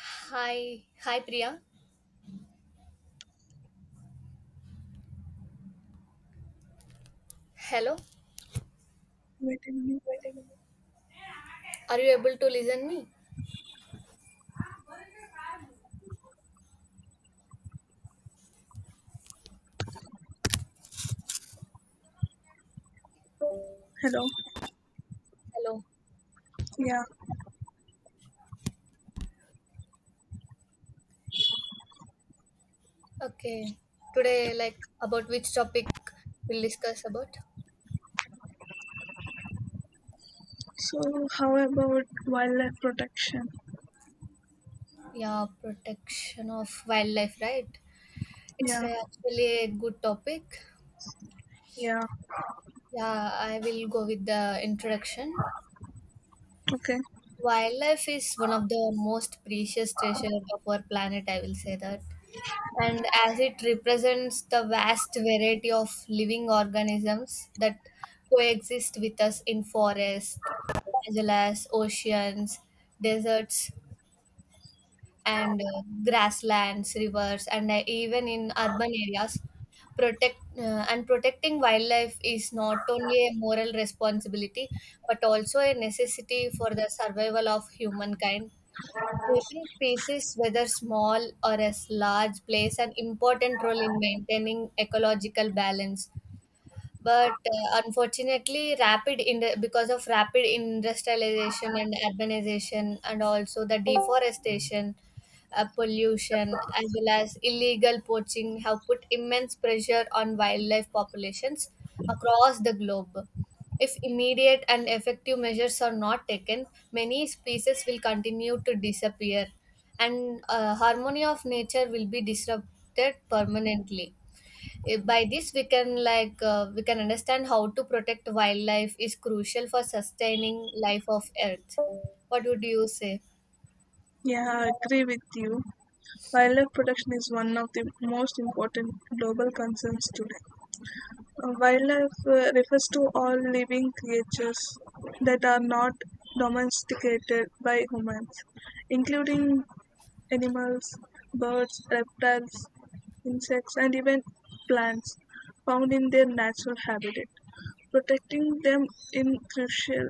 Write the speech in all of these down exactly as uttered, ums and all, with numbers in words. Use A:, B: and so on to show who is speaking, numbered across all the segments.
A: Hi, hi Priya. Hello.
B: Wait a minute.
A: Are you able to listen me?
B: Hello.
A: Hello.
B: Yeah.
A: Okay. Today, like about which topic we'll discuss about?
B: So, how about wildlife protection?
A: Yeah, protection of wildlife, right? It's
B: Yeah.
A: uh, actually a good topic.
B: Yeah.
A: Yeah, I will go with the introduction.
B: Okay.
A: Wildlife is one of the most precious treasure of our planet, I will say that, and as it represents the vast variety of living organisms that coexist with us in forests, as well as oceans, deserts, and uh, grasslands, rivers, and uh, even in urban areas. Protect uh, and protecting wildlife is not only a moral responsibility but also a necessity for the survival of humankind. Every species, whether small or as large, plays an important role in maintaining ecological balance. But uh, unfortunately, rapid in because of rapid industrialization and urbanization, and also the deforestation, uh, pollution, as well as illegal poaching, have put immense pressure on wildlife populations across the globe. If immediate and effective measures are not taken, many species will continue to disappear, and uh, harmony of nature will be disrupted permanently. Eh, by this we can like uh, we can understand how to protect wildlife is crucial for sustaining life of earth. What would you say?
B: Yeah, I agree with you. Wildlife protection is one of the most important global concerns today. Uh, Wildlife uh, refers to all living creatures that are not domesticated by humans, including animals, birds, reptiles, insects, and even plants found in their natural habitat. Protecting them is crucial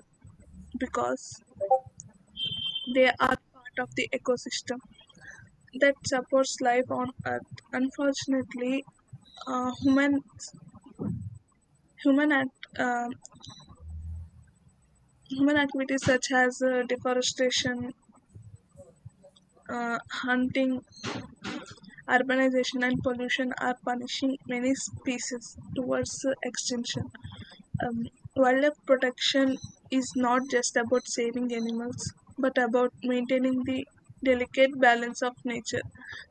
B: because they are part of the ecosystem that supports life on earth. Unfortunately, uh, human human act, uh, human activities such as uh, deforestation, uh, hunting, urbanization, and pollution are punishing many species towards uh, extinction. Um, Wildlife protection is not just about saving animals, but about maintaining the delicate balance of nature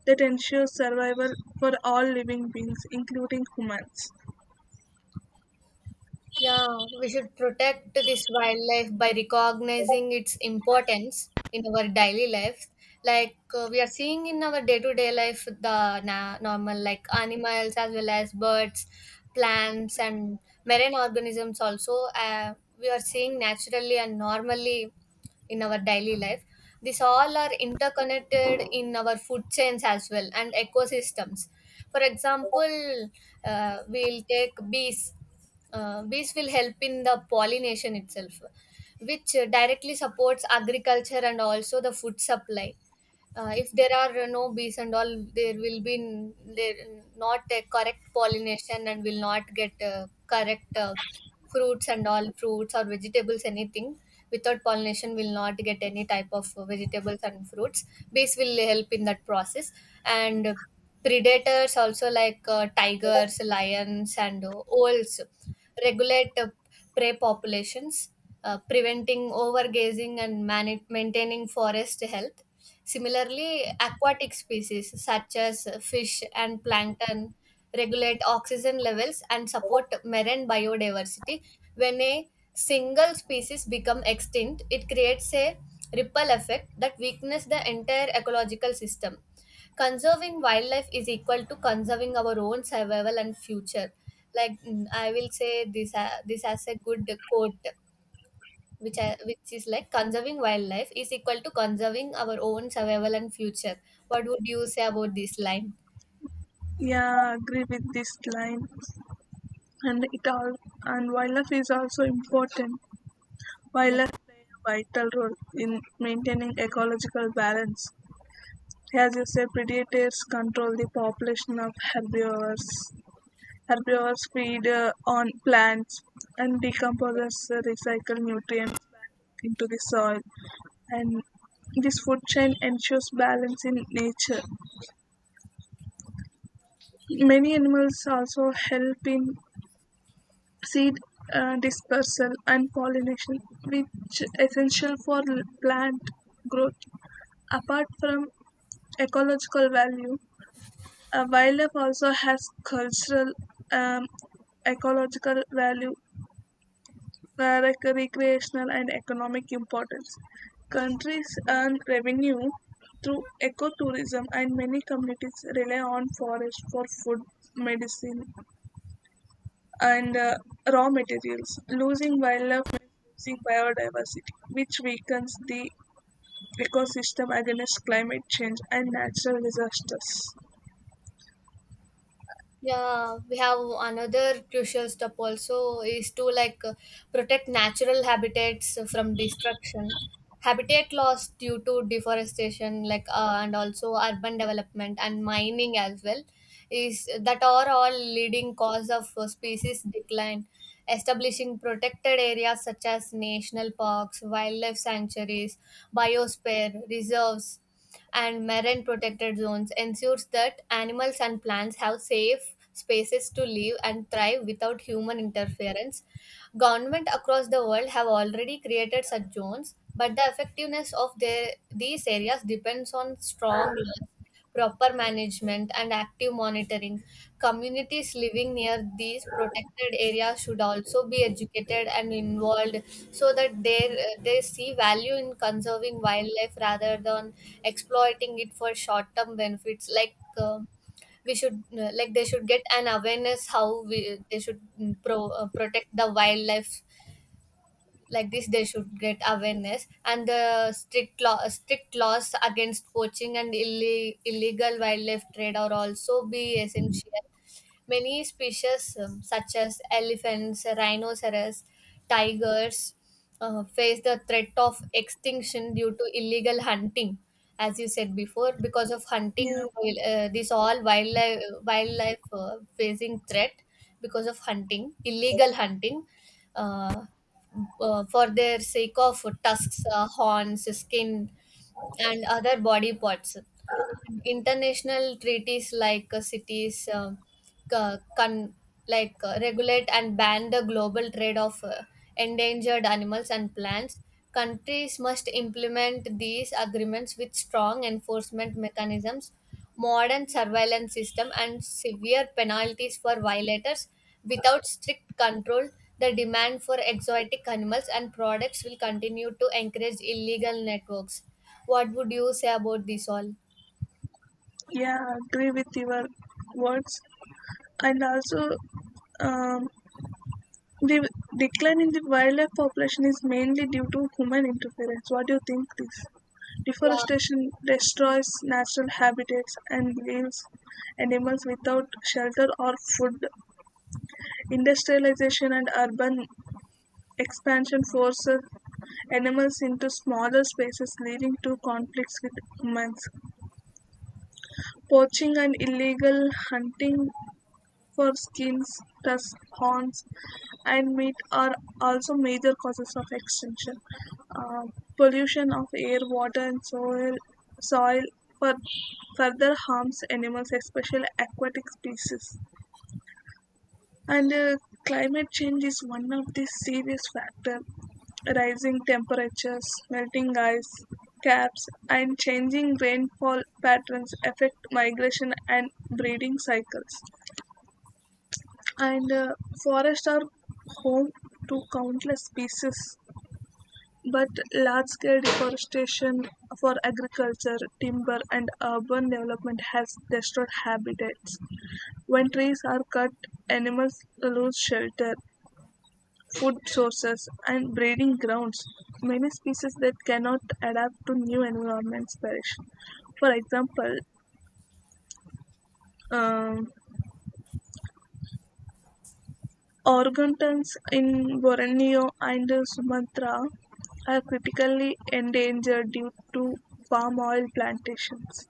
B: that ensures survival for all living beings, including humans.
A: Yeah, we should protect this wildlife by recognizing its importance in our daily life. Like uh, we are seeing in our day-to-day life, the na- normal like animals as well as birds, plants, and marine organisms also. Uh, we are seeing naturally and normally in our daily life. These all are interconnected in our food chains as well and ecosystems. For example, uh, we'll take bees, uh, bees will help in the pollination itself, which uh, directly supports agriculture and also the food supply. Uh, if there are no bees and all, there will be n- there not a correct pollination, and will not get uh, correct uh, fruits and all. Fruits or vegetables, anything without pollination will not get any type of vegetables and fruits. Bees will help in that process. And predators also like uh, tigers, lions, and uh, owls regulate uh, prey populations, uh, preventing overgazing and man- maintaining forest health. Similarly, aquatic species such as fish and plankton regulate oxygen levels and support marine biodiversity. When a single species become extinct, it creates a ripple effect that weakens the entire ecological system. Conserving wildlife is equal to conserving our own survival and future. Like mm, I will say this uh, this as a good quote, which I, which is like conserving wildlife is equal to conserving our own survival and future. What would you say about this line?
B: Yeah, I agree with this line. And it all and wildlife is also important. Wildlife play a vital role in maintaining ecological balance. As you say, predators control the population of herbivores. Herbivores feed uh, on plants and decomposes uh, recycled nutrients back into the soil, and this food chain ensures balance in nature. Many animals also help in seed uh, dispersal and pollination, which essential for plant growth. Apart from ecological value, uh, wildlife also has cultural um, ecological value uh, rec- recreational and economic importance. Countries earn revenue through ecotourism, and many communities rely on forest for food, medicine, and uh, raw materials. Losing wildlife means losing biodiversity, which weakens the ecosystem against climate change and natural disasters.
A: Yeah, we have another crucial step also is to like uh, protect natural habitats from destruction. Habitat loss due to deforestation like uh, and also urban development and mining as well, is that are all leading cause of uh, species decline. Establishing protected areas such as national parks, wildlife sanctuaries, biosphere reserves, and marine protected zones ensures that animals and plants have safe spaces to live and thrive without human interference. Government across the world have already created such zones, but the effectiveness of their, these areas depends on strong laws, proper management and active monitoring. Communities living near these protected areas should also be educated and involved so that they, they see value in conserving wildlife rather than exploiting it for short term benefits. Like uh, we should uh, like they should get an awareness how we, they should mm, pro, uh, protect the wildlife. Like this, they should get awareness. And the strict law strict laws against poaching and illi- illegal wildlife trade are also be essential. Many species, um, such as elephants, rhinoceros, tigers, uh, face the threat of extinction due to illegal hunting, as you said before. Because of
B: Yeah,
A: hunting, uh, this all wildlife wildlife uh, facing threat because of hunting, illegal hunting. Uh, uh, for their sake of tusks, uh, horns, skin, and other body parts. International treaties like uh, cities, uh, c- con- like uh, regulate and ban the global trade of uh, endangered animals and plants. Countries must implement these agreements with strong enforcement mechanisms, modern surveillance system, and severe penalties for violators. Without strict control, the demand for exotic animals and products will continue to encourage illegal networks. What would you say about this all?
B: yeah, I agree with your words, and also um, the decline in the wildlife population is mainly due to human interference. What do you think this?
A: Yeah.
B: Deforestation destroys natural habitats and leaves animals without shelter or food. Industrialization and urban expansion forces animals into smaller spaces, leading to conflicts with humans. Poaching and illegal hunting for skins, tusks, horns, and meat are also major causes of extinction. Uh, Pollution of air, water, and soil, soil for further harms animals, especially aquatic species. And uh, climate change is one of the serious factors. Rising temperatures, melting ice caps, and changing rainfall patterns affect migration and breeding cycles. And uh, forests are home to countless species. But large-scale deforestation for agriculture, timber, and urban development has destroyed habitats. When trees are cut, animals lose shelter, food sources, and breeding grounds. Many species that cannot adapt to new environments perish. For example, um, orangutans in Borneo and Sumatra are critically endangered due to palm oil plantations.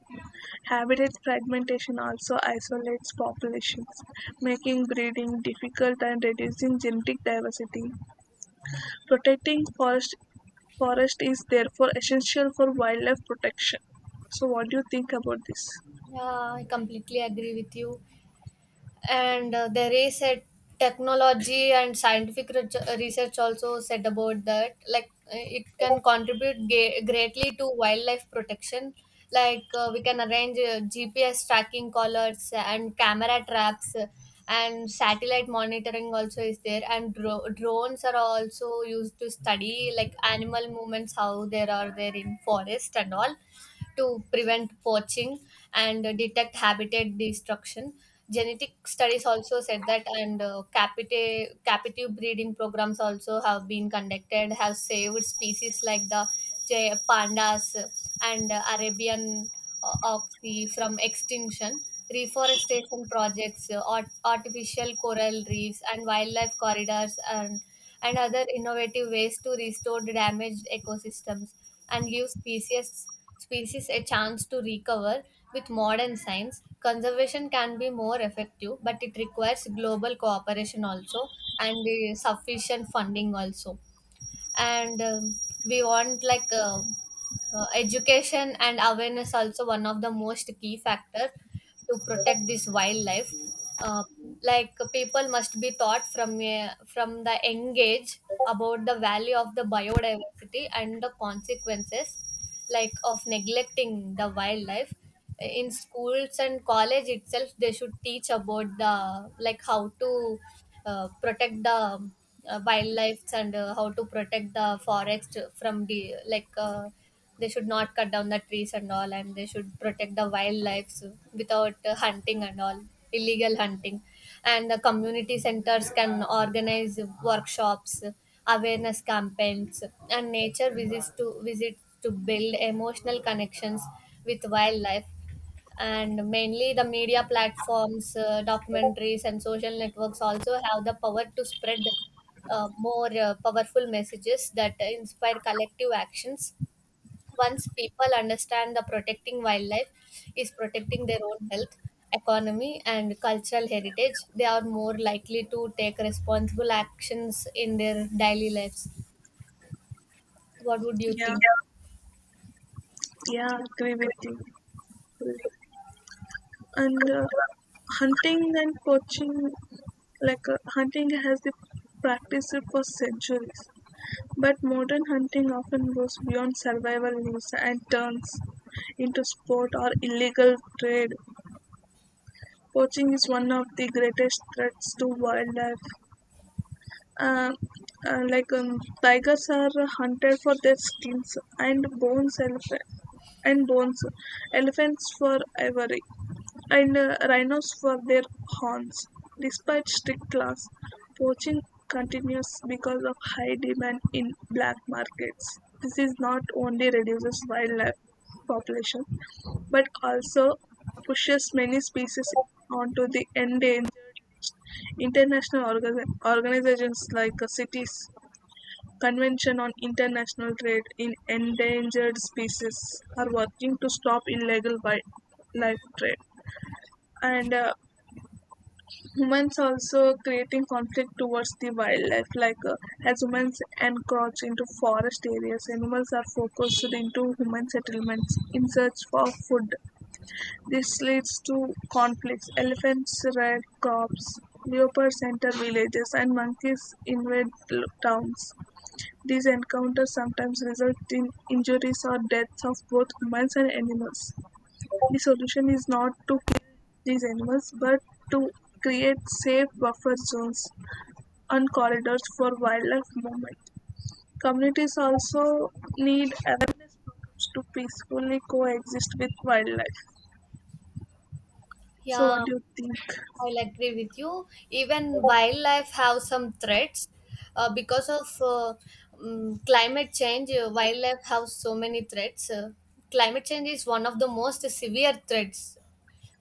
B: Habitat fragmentation also isolates populations, making breeding difficult and reducing genetic diversity. Protecting forest forest is therefore essential for wildlife protection. So, what do you think about this?
A: Yeah, I completely agree with you. And uh, there is a technology and scientific re- research also said about that. Like uh, it can contribute ga- greatly to wildlife protection. Like uh, we can arrange uh, G P S tracking collars and camera traps, uh, and satellite monitoring also is there. And dro- drones are also used to study like animal movements, how there are there in forest and all, to prevent poaching and uh, detect habitat destruction. Genetic studies also said that, and uh, capita- captive breeding programs also have been conducted, have saved species like the jay- pandas and uh, Arabian, uh, of the from extinction. Reforestation projects, uh, art, artificial coral reefs and wildlife corridors and and other innovative ways to restore the damaged ecosystems and give species species a chance to recover. With modern science, conservation can be more effective, but it requires global cooperation also, and uh, sufficient funding also. And um, we want like um uh, education and awareness also one of the most key factor to protect this wildlife. Uh, like people must be taught from a, from the young age about the value of the biodiversity and the consequences like of neglecting the wildlife. In schools and college itself, they should teach about the like how to uh, protect the uh, wildlife, and uh, how to protect the forest from the like uh, they should not cut down the trees and all, and they should protect the wildlife without uh, hunting and all, illegal hunting. And the community centers can organize workshops, awareness campaigns, and nature visits to visit, to build emotional connections with wildlife. And mainly the media platforms, uh, documentaries and social networks also have the power to spread uh, more uh, powerful messages that inspire collective actions. Once people understand that protecting wildlife is protecting their own health, economy, and cultural heritage, they are more likely to take responsible actions in their daily lives. What would you
B: Yeah,
A: think?
B: yeah, agree with you. Fully. And uh, hunting and poaching, like uh, hunting has been practiced for centuries. But modern hunting often goes beyond survival rules and turns into sport or illegal trade. Poaching is one of the greatest threats to wildlife. Uh, uh, like um, Tigers are hunted for their skins and bones, elephant and bones, elephants for ivory and uh, rhinos for their horns. Despite strict laws, poaching continues because of high demand in black markets. This is not only reduces wildlife population but also pushes many species onto the endangered international orga- organizations like uh, CITES, convention on international trade in endangered species, are working to stop illegal wildlife trade. And uh, humans also creating conflict towards the wildlife, like uh, as humans encroach into forest areas, animals are focused into human settlements in search for food. This leads to conflicts: elephants raid crops, leopards enter villages, and monkeys invade l- towns. These encounters sometimes result in injuries or deaths of both humans and animals. The solution is not to these animals but to create safe buffer zones and corridors for wildlife movement. Communities also need awareness programs to peacefully coexist with wildlife. So, what
A: Yeah,
B: do you think?
A: I'll agree with you. Even wildlife have some threats uh, because of uh, um, climate change. Uh, wildlife have so many threats. Uh, climate change is one of the most severe threats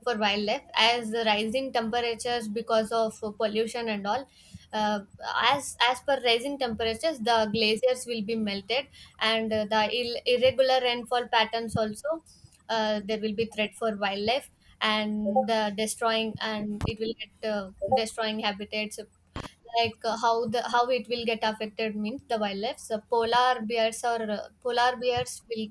A: for wildlife, as the rising temperatures because of uh, pollution and all, uh, as as per rising temperatures the glaciers will be melted, and uh, the Ill- irregular rainfall patterns also, uh, there will be threat for wildlife. And the destroying and it will get uh, destroying habitats. like uh, how the how it will get affected means the wildlife, so polar bears or uh, polar bears will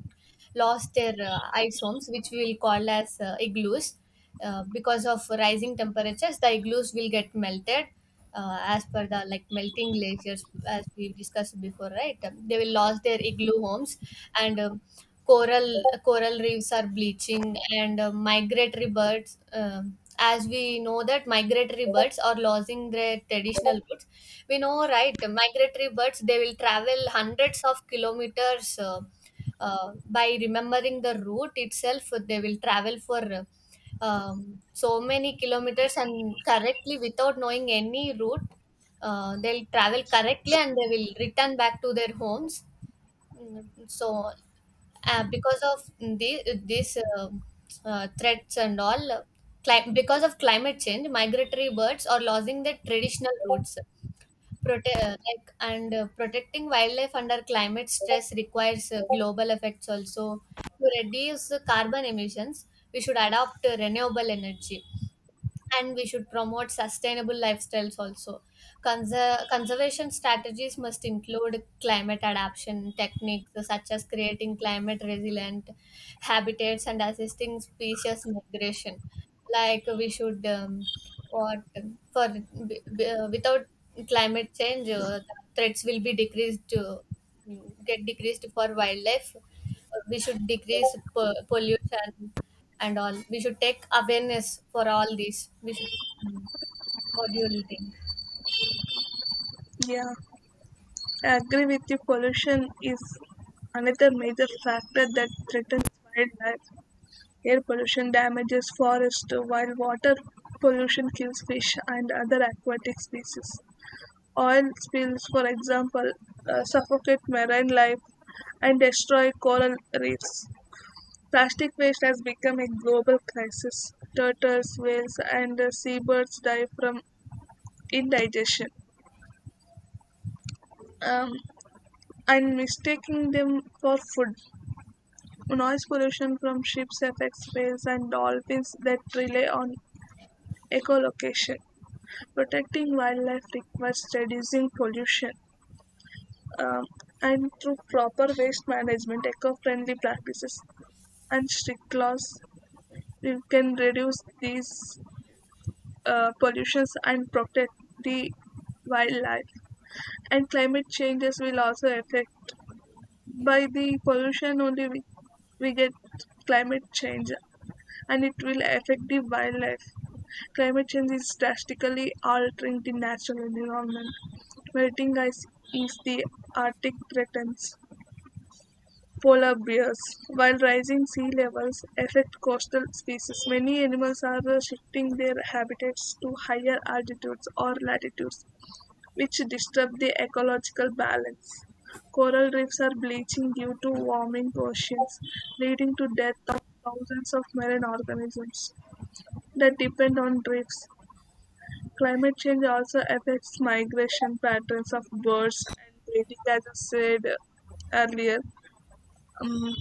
A: lost their uh, ice homes which we will call as uh, igloos. Uh, because of rising temperatures the igloos will get melted. Uh, as per the like melting glaciers, as we discussed before, right? Um, they will lose their igloo homes. And um, coral coral reefs are bleaching, and uh, migratory birds, um, as we know that migratory birds are losing their traditional roots. We know right, migratory birds, they will travel hundreds of kilometers, uh, uh, by remembering the route itself they will travel for uh, um, so many kilometers and correctly without knowing any route. Uh, they'll travel correctly, and they will return back to their homes. Mm, so, uh, because of the, this uh, uh, threats and all, uh, cli- because of climate change, migratory birds are losing their traditional routes. Prote- uh, like and uh, protecting wildlife under climate stress requires uh, global effects also. To reduce the carbon emissions, we should adopt uh, renewable energy, and we should promote sustainable lifestyles also. Conser- conservation strategies must include climate adaptation techniques such as creating climate resilient habitats and assisting species migration. Like we should, um, what um, for b- b- uh, without climate change, uh, the threats will be decreased to get decreased for wildlife. We should decrease p- pollution and all. We should take awareness for all these, we should. What do you think?
B: Yeah, I agree with you. Pollution is another major factor that threatens wildlife. Air pollution damages forests, while water pollution kills fish and other aquatic species. Oil spills, for example, uh, suffocate marine life and destroy coral reefs. Plastic waste has become a global crisis. Turtles, whales, and uh, seabirds die from indigestion. Um, and mistaking them for food. Noise pollution from ships affects whales and dolphins that rely on echolocation. Protecting wildlife requires reducing pollution, um, and through proper waste management, eco-friendly practices, and strict laws, we can reduce these uh, pollutions and protect the wildlife. And climate changes will also affect by the pollution only we, we get climate change and it will affect the wildlife. Climate change is drastically altering the natural environment. Melting ice is the Arctic threatens polar bears. While rising sea levels affect coastal species, many animals are uh, shifting their habitats to higher altitudes or latitudes, which disturb the ecological balance. Coral reefs are bleaching due to warming oceans, leading to death of thousands of marine organisms that depend on reefs. Climate change also affects migration patterns of birds and breeding, as I said earlier. Um,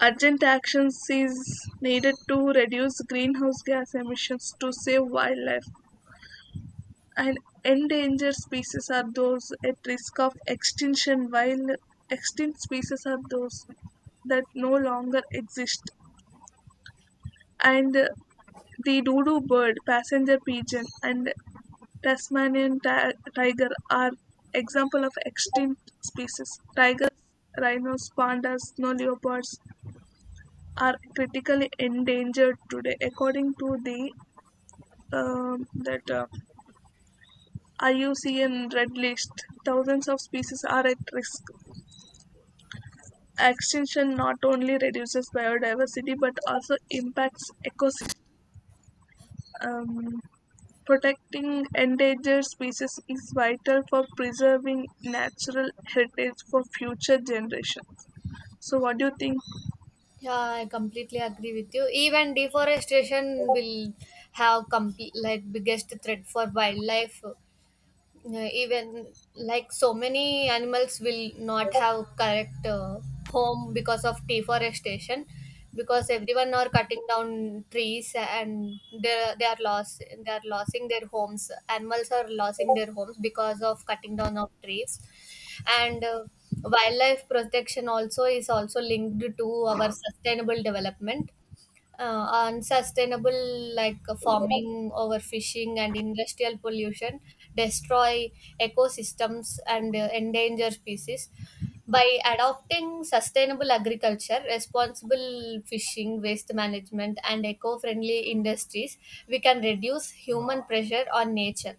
B: Urgent action is needed to reduce greenhouse gas emissions to save wildlife. And endangered species are those at risk of extinction, while extinct species are those that no longer exist. And uh, The dodo bird, passenger pigeon, and Tasmanian ti- tiger are example of extinct species. Tigers, rhinos, pandas, snow leopards, are critically endangered today. According to the um that uh, I U C N Red List, thousands of species are at risk. Extinction not only reduces biodiversity but also impacts ecosystems. Um, Protecting endangered species is vital for preserving natural heritage for future generations. So, what do you think?
A: Yeah, I completely agree with you. Even deforestation will have complete like biggest threat for wildlife. Yeah, even like so many animals will not have correct uh, home because of deforestation, because everyone are cutting down trees, and they they are lost they are losing their homes. Animals are losing their homes because of cutting down of trees. And uh, wildlife protection also is also linked to our sustainable development. Uh, on sustainable like uh, farming, overfishing and industrial pollution destroy ecosystems, and uh, endanger species. By adopting sustainable agriculture, responsible fishing, waste management, and eco friendly industries, we can reduce human pressure on nature.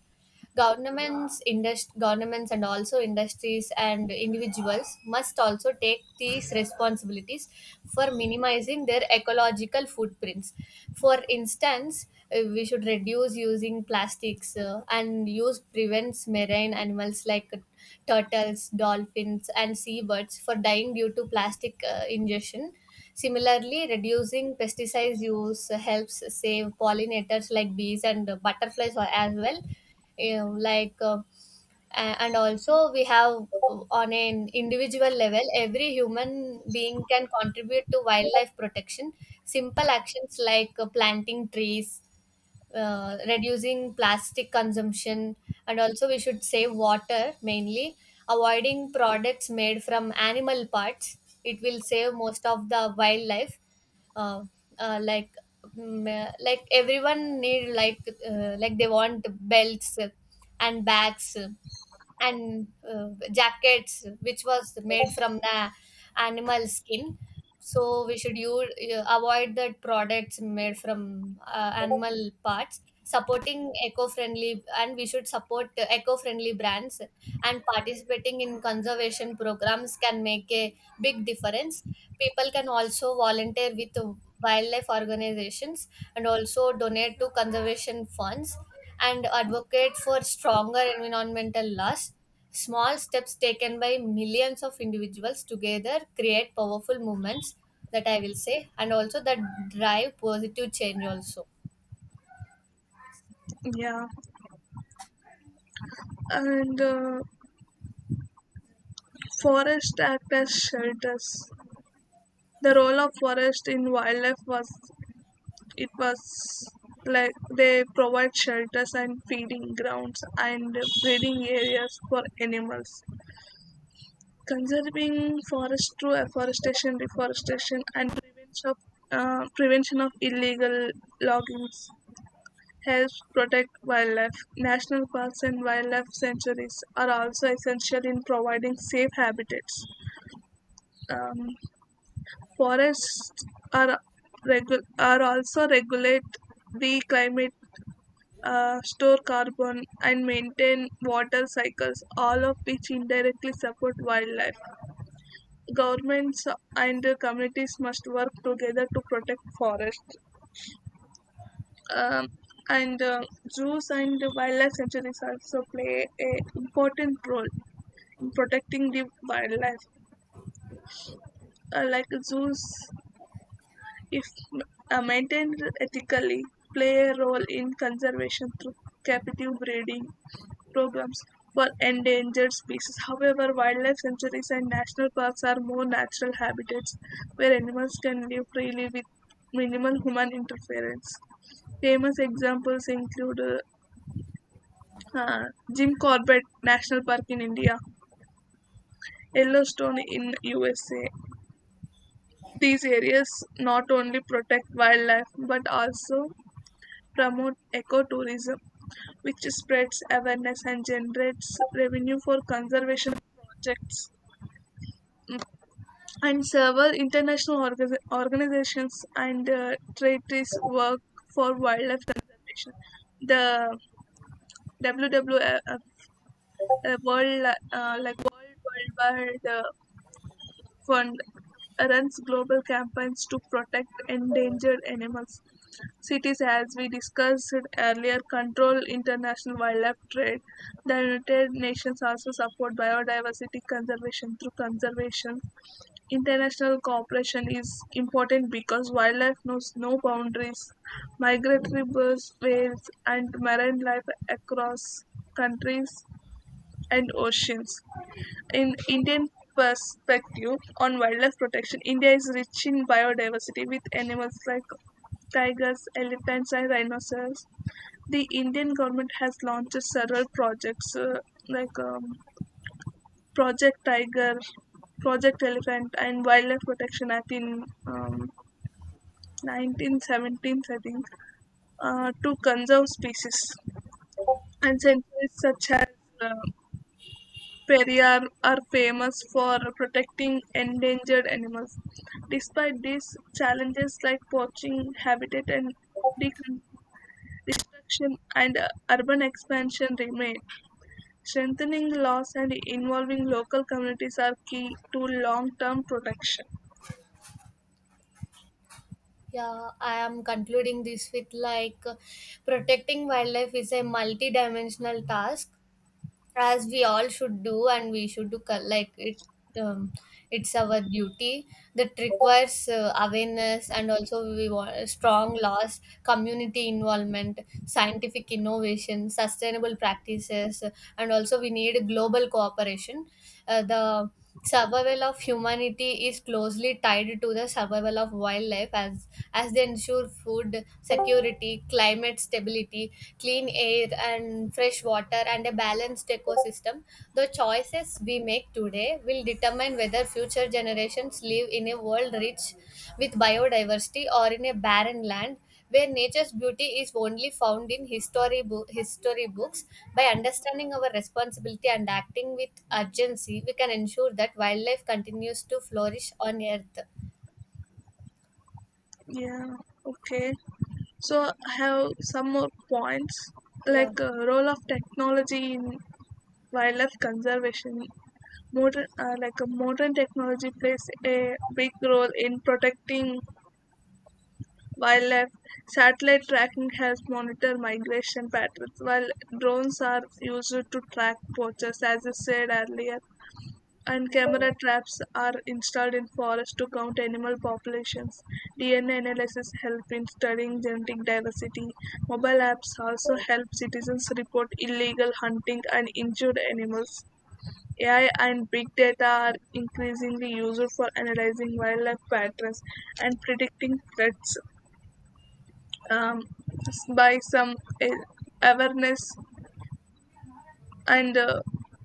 A: Governments, indust- governments, and also industries and individuals must also take these responsibilities for minimizing their ecological footprints. For instance, uh, we should reduce using plastics uh, and use prevents marine animals like turtles, dolphins, and seabirds for dying due to plastic uh, ingestion. Similarly, reducing pesticide use helps save pollinators like bees and uh, butterflies a- as well. You know, like uh, a- and also we have uh, on an individual level, every human being can contribute to wildlife protection. Simple actions like uh, planting trees, uh, reducing plastic consumption, and also we should save water mainly, avoiding products made from animal parts. It will save most of the wildlife. uh, uh, like mm, uh, like everyone need like uh, like they want belts and bags and uh, jackets which was made from the animal skin. So we should use, uh, avoid the products made from uh, animal parts, supporting eco-friendly, and we should support uh, eco-friendly brands, and participating in conservation programs can make a big difference. People can also volunteer with wildlife organizations, and also donate to conservation funds, and advocate for stronger environmental laws. Small steps taken by millions of individuals together create powerful movements, that I will say, and also that drive positive change also.
B: Yeah, and uh, forest act as shelters. The role of forest in wildlife was it was like they provide shelters and feeding grounds and breeding areas for animals. Conserving forest through afforestation, reforestation, and prevention of, uh, prevention of illegal loggings helps protect wildlife. National parks and wildlife sanctuaries are also essential in providing safe habitats. um, Forests are regu- are also regulate the climate, uh, store carbon, and maintain water cycles, all of which indirectly support wildlife. Governments and communities must work together to protect forests. Um, and uh, Zoos and wildlife sanctuaries also play a important role in protecting the wildlife. Uh, like Zoos, if uh, maintained ethically, play a role in conservation through captive breeding programs for endangered species. However, wildlife sanctuaries and national parks are more natural habitats where animals can live freely with minimal human interference. Famous examples include uh, uh, Jim Corbett National Park in India, Yellowstone in U S A. These areas not only protect wildlife but also promote ecotourism which spreads awareness and generates revenue for conservation projects. Mm, And several international orga- organizations and uh, treaties work for wildlife conservation. The W W F, uh, World, uh, like World Wildlife uh, Fund, runs global campaigns to protect endangered animals. Cities, as we discussed earlier, control international wildlife trade. The United Nations also support biodiversity conservation through conservation. International cooperation is important because wildlife knows no boundaries. Migratory birds, whales, and marine life across countries and oceans. In Indian perspective on wildlife protection, India is rich in biodiversity with animals like tigers, elephants, and rhinos. The Indian government has launched several projects uh, like um, Project Tiger, Project Elephant, and Wildlife Protection Act in um, nineteen seventeen, I think, uh, to conserve species. And centuries such as uh, Periyar are famous for protecting endangered animals. Despite these challenges like poaching, habitat and decon- destruction, and uh, urban expansion remain. Strengthening the laws and involving local communities are key to long term protection.
A: Yeah, I am concluding this with like uh, protecting wildlife is a multi-dimensional task, as we all should do, and we should do co- like it. Um, it's our duty that requires uh, awareness, and also we want strong laws, community involvement, scientific innovation, sustainable practices, and also we need global cooperation. Uh, the survival of humanity is closely tied to the survival of wildlife, as as they ensure food security, climate stability, clean air and fresh water, and a balanced ecosystem. The choices we make today will determine whether future generations live in a world rich with biodiversity, or in a barren land where nature's beauty is only found in history, bo- history books. By understanding our responsibility and acting with urgency, we can ensure that wildlife continues to flourish on Earth.
B: Yeah, okay. So, I have some more points
A: Yeah.
B: like uh, role of technology in wildlife conservation. Modern uh, like uh, modern technology plays a big role in protecting wildlife. Satellite tracking helps monitor migration patterns, while drones are used to track poachers, as I said earlier, and camera traps are installed in forests to count animal populations. D N A analysis help in studying genetic diversity. Mobile apps also help citizens report illegal hunting and injured animals. A I and big data are increasingly used for analyzing wildlife patterns and predicting threats. Um, by some eh, Awareness and uh,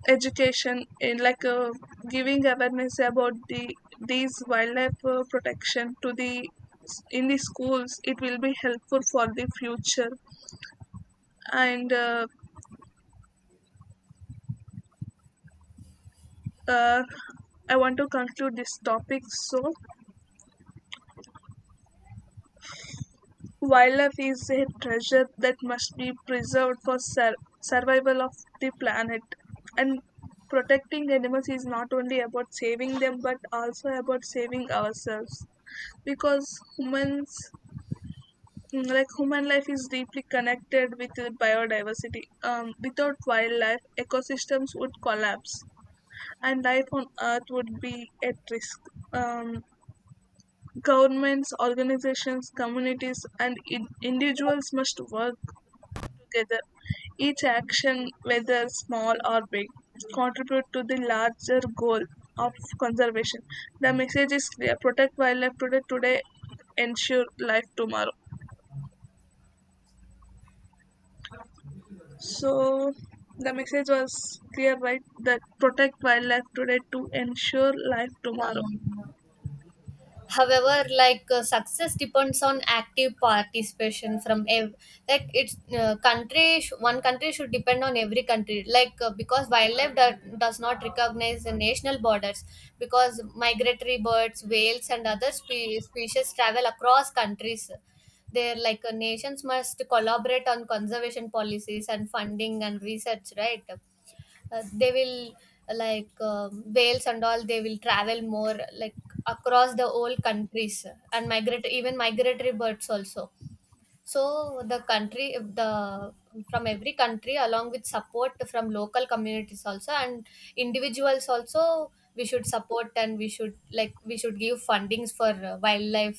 B: education, in like uh, giving awareness about the these wildlife uh, protection to the in the schools, it will be helpful for the future. And uh, uh, I want to conclude this topic. So, wildlife is a treasure that must be preserved for sur- survival of the planet, and protecting animals is not only about saving them but also about saving ourselves, because humans, Mm, like human life is deeply connected with the biodiversity. Um, without wildlife, ecosystems would collapse and life on earth would be at risk. Um, governments, organizations, communities, and in- individuals must work together. Each action, whether small or big, contribute to the larger goal of conservation. The message is clear: protect wildlife today today, ensure life tomorrow. So the message was clear, right? That protect wildlife today to ensure life tomorrow.
A: Yeah, however like uh, success depends on active participation from ev- like it's uh, country sh- one country should depend on every country, like uh, because wildlife do- does not recognize the national borders, because migratory birds, whales and other spe- species travel across countries. Their like uh, nations must collaborate on conservation policies and funding and research, right? Uh, they will, uh, like um, whales and all, they will travel more like across the whole countries and migrate, even migratory birds also. So the country the from every country, along with support from local communities also, and individuals also, we should support, and we should like we should give fundings for uh, wildlife.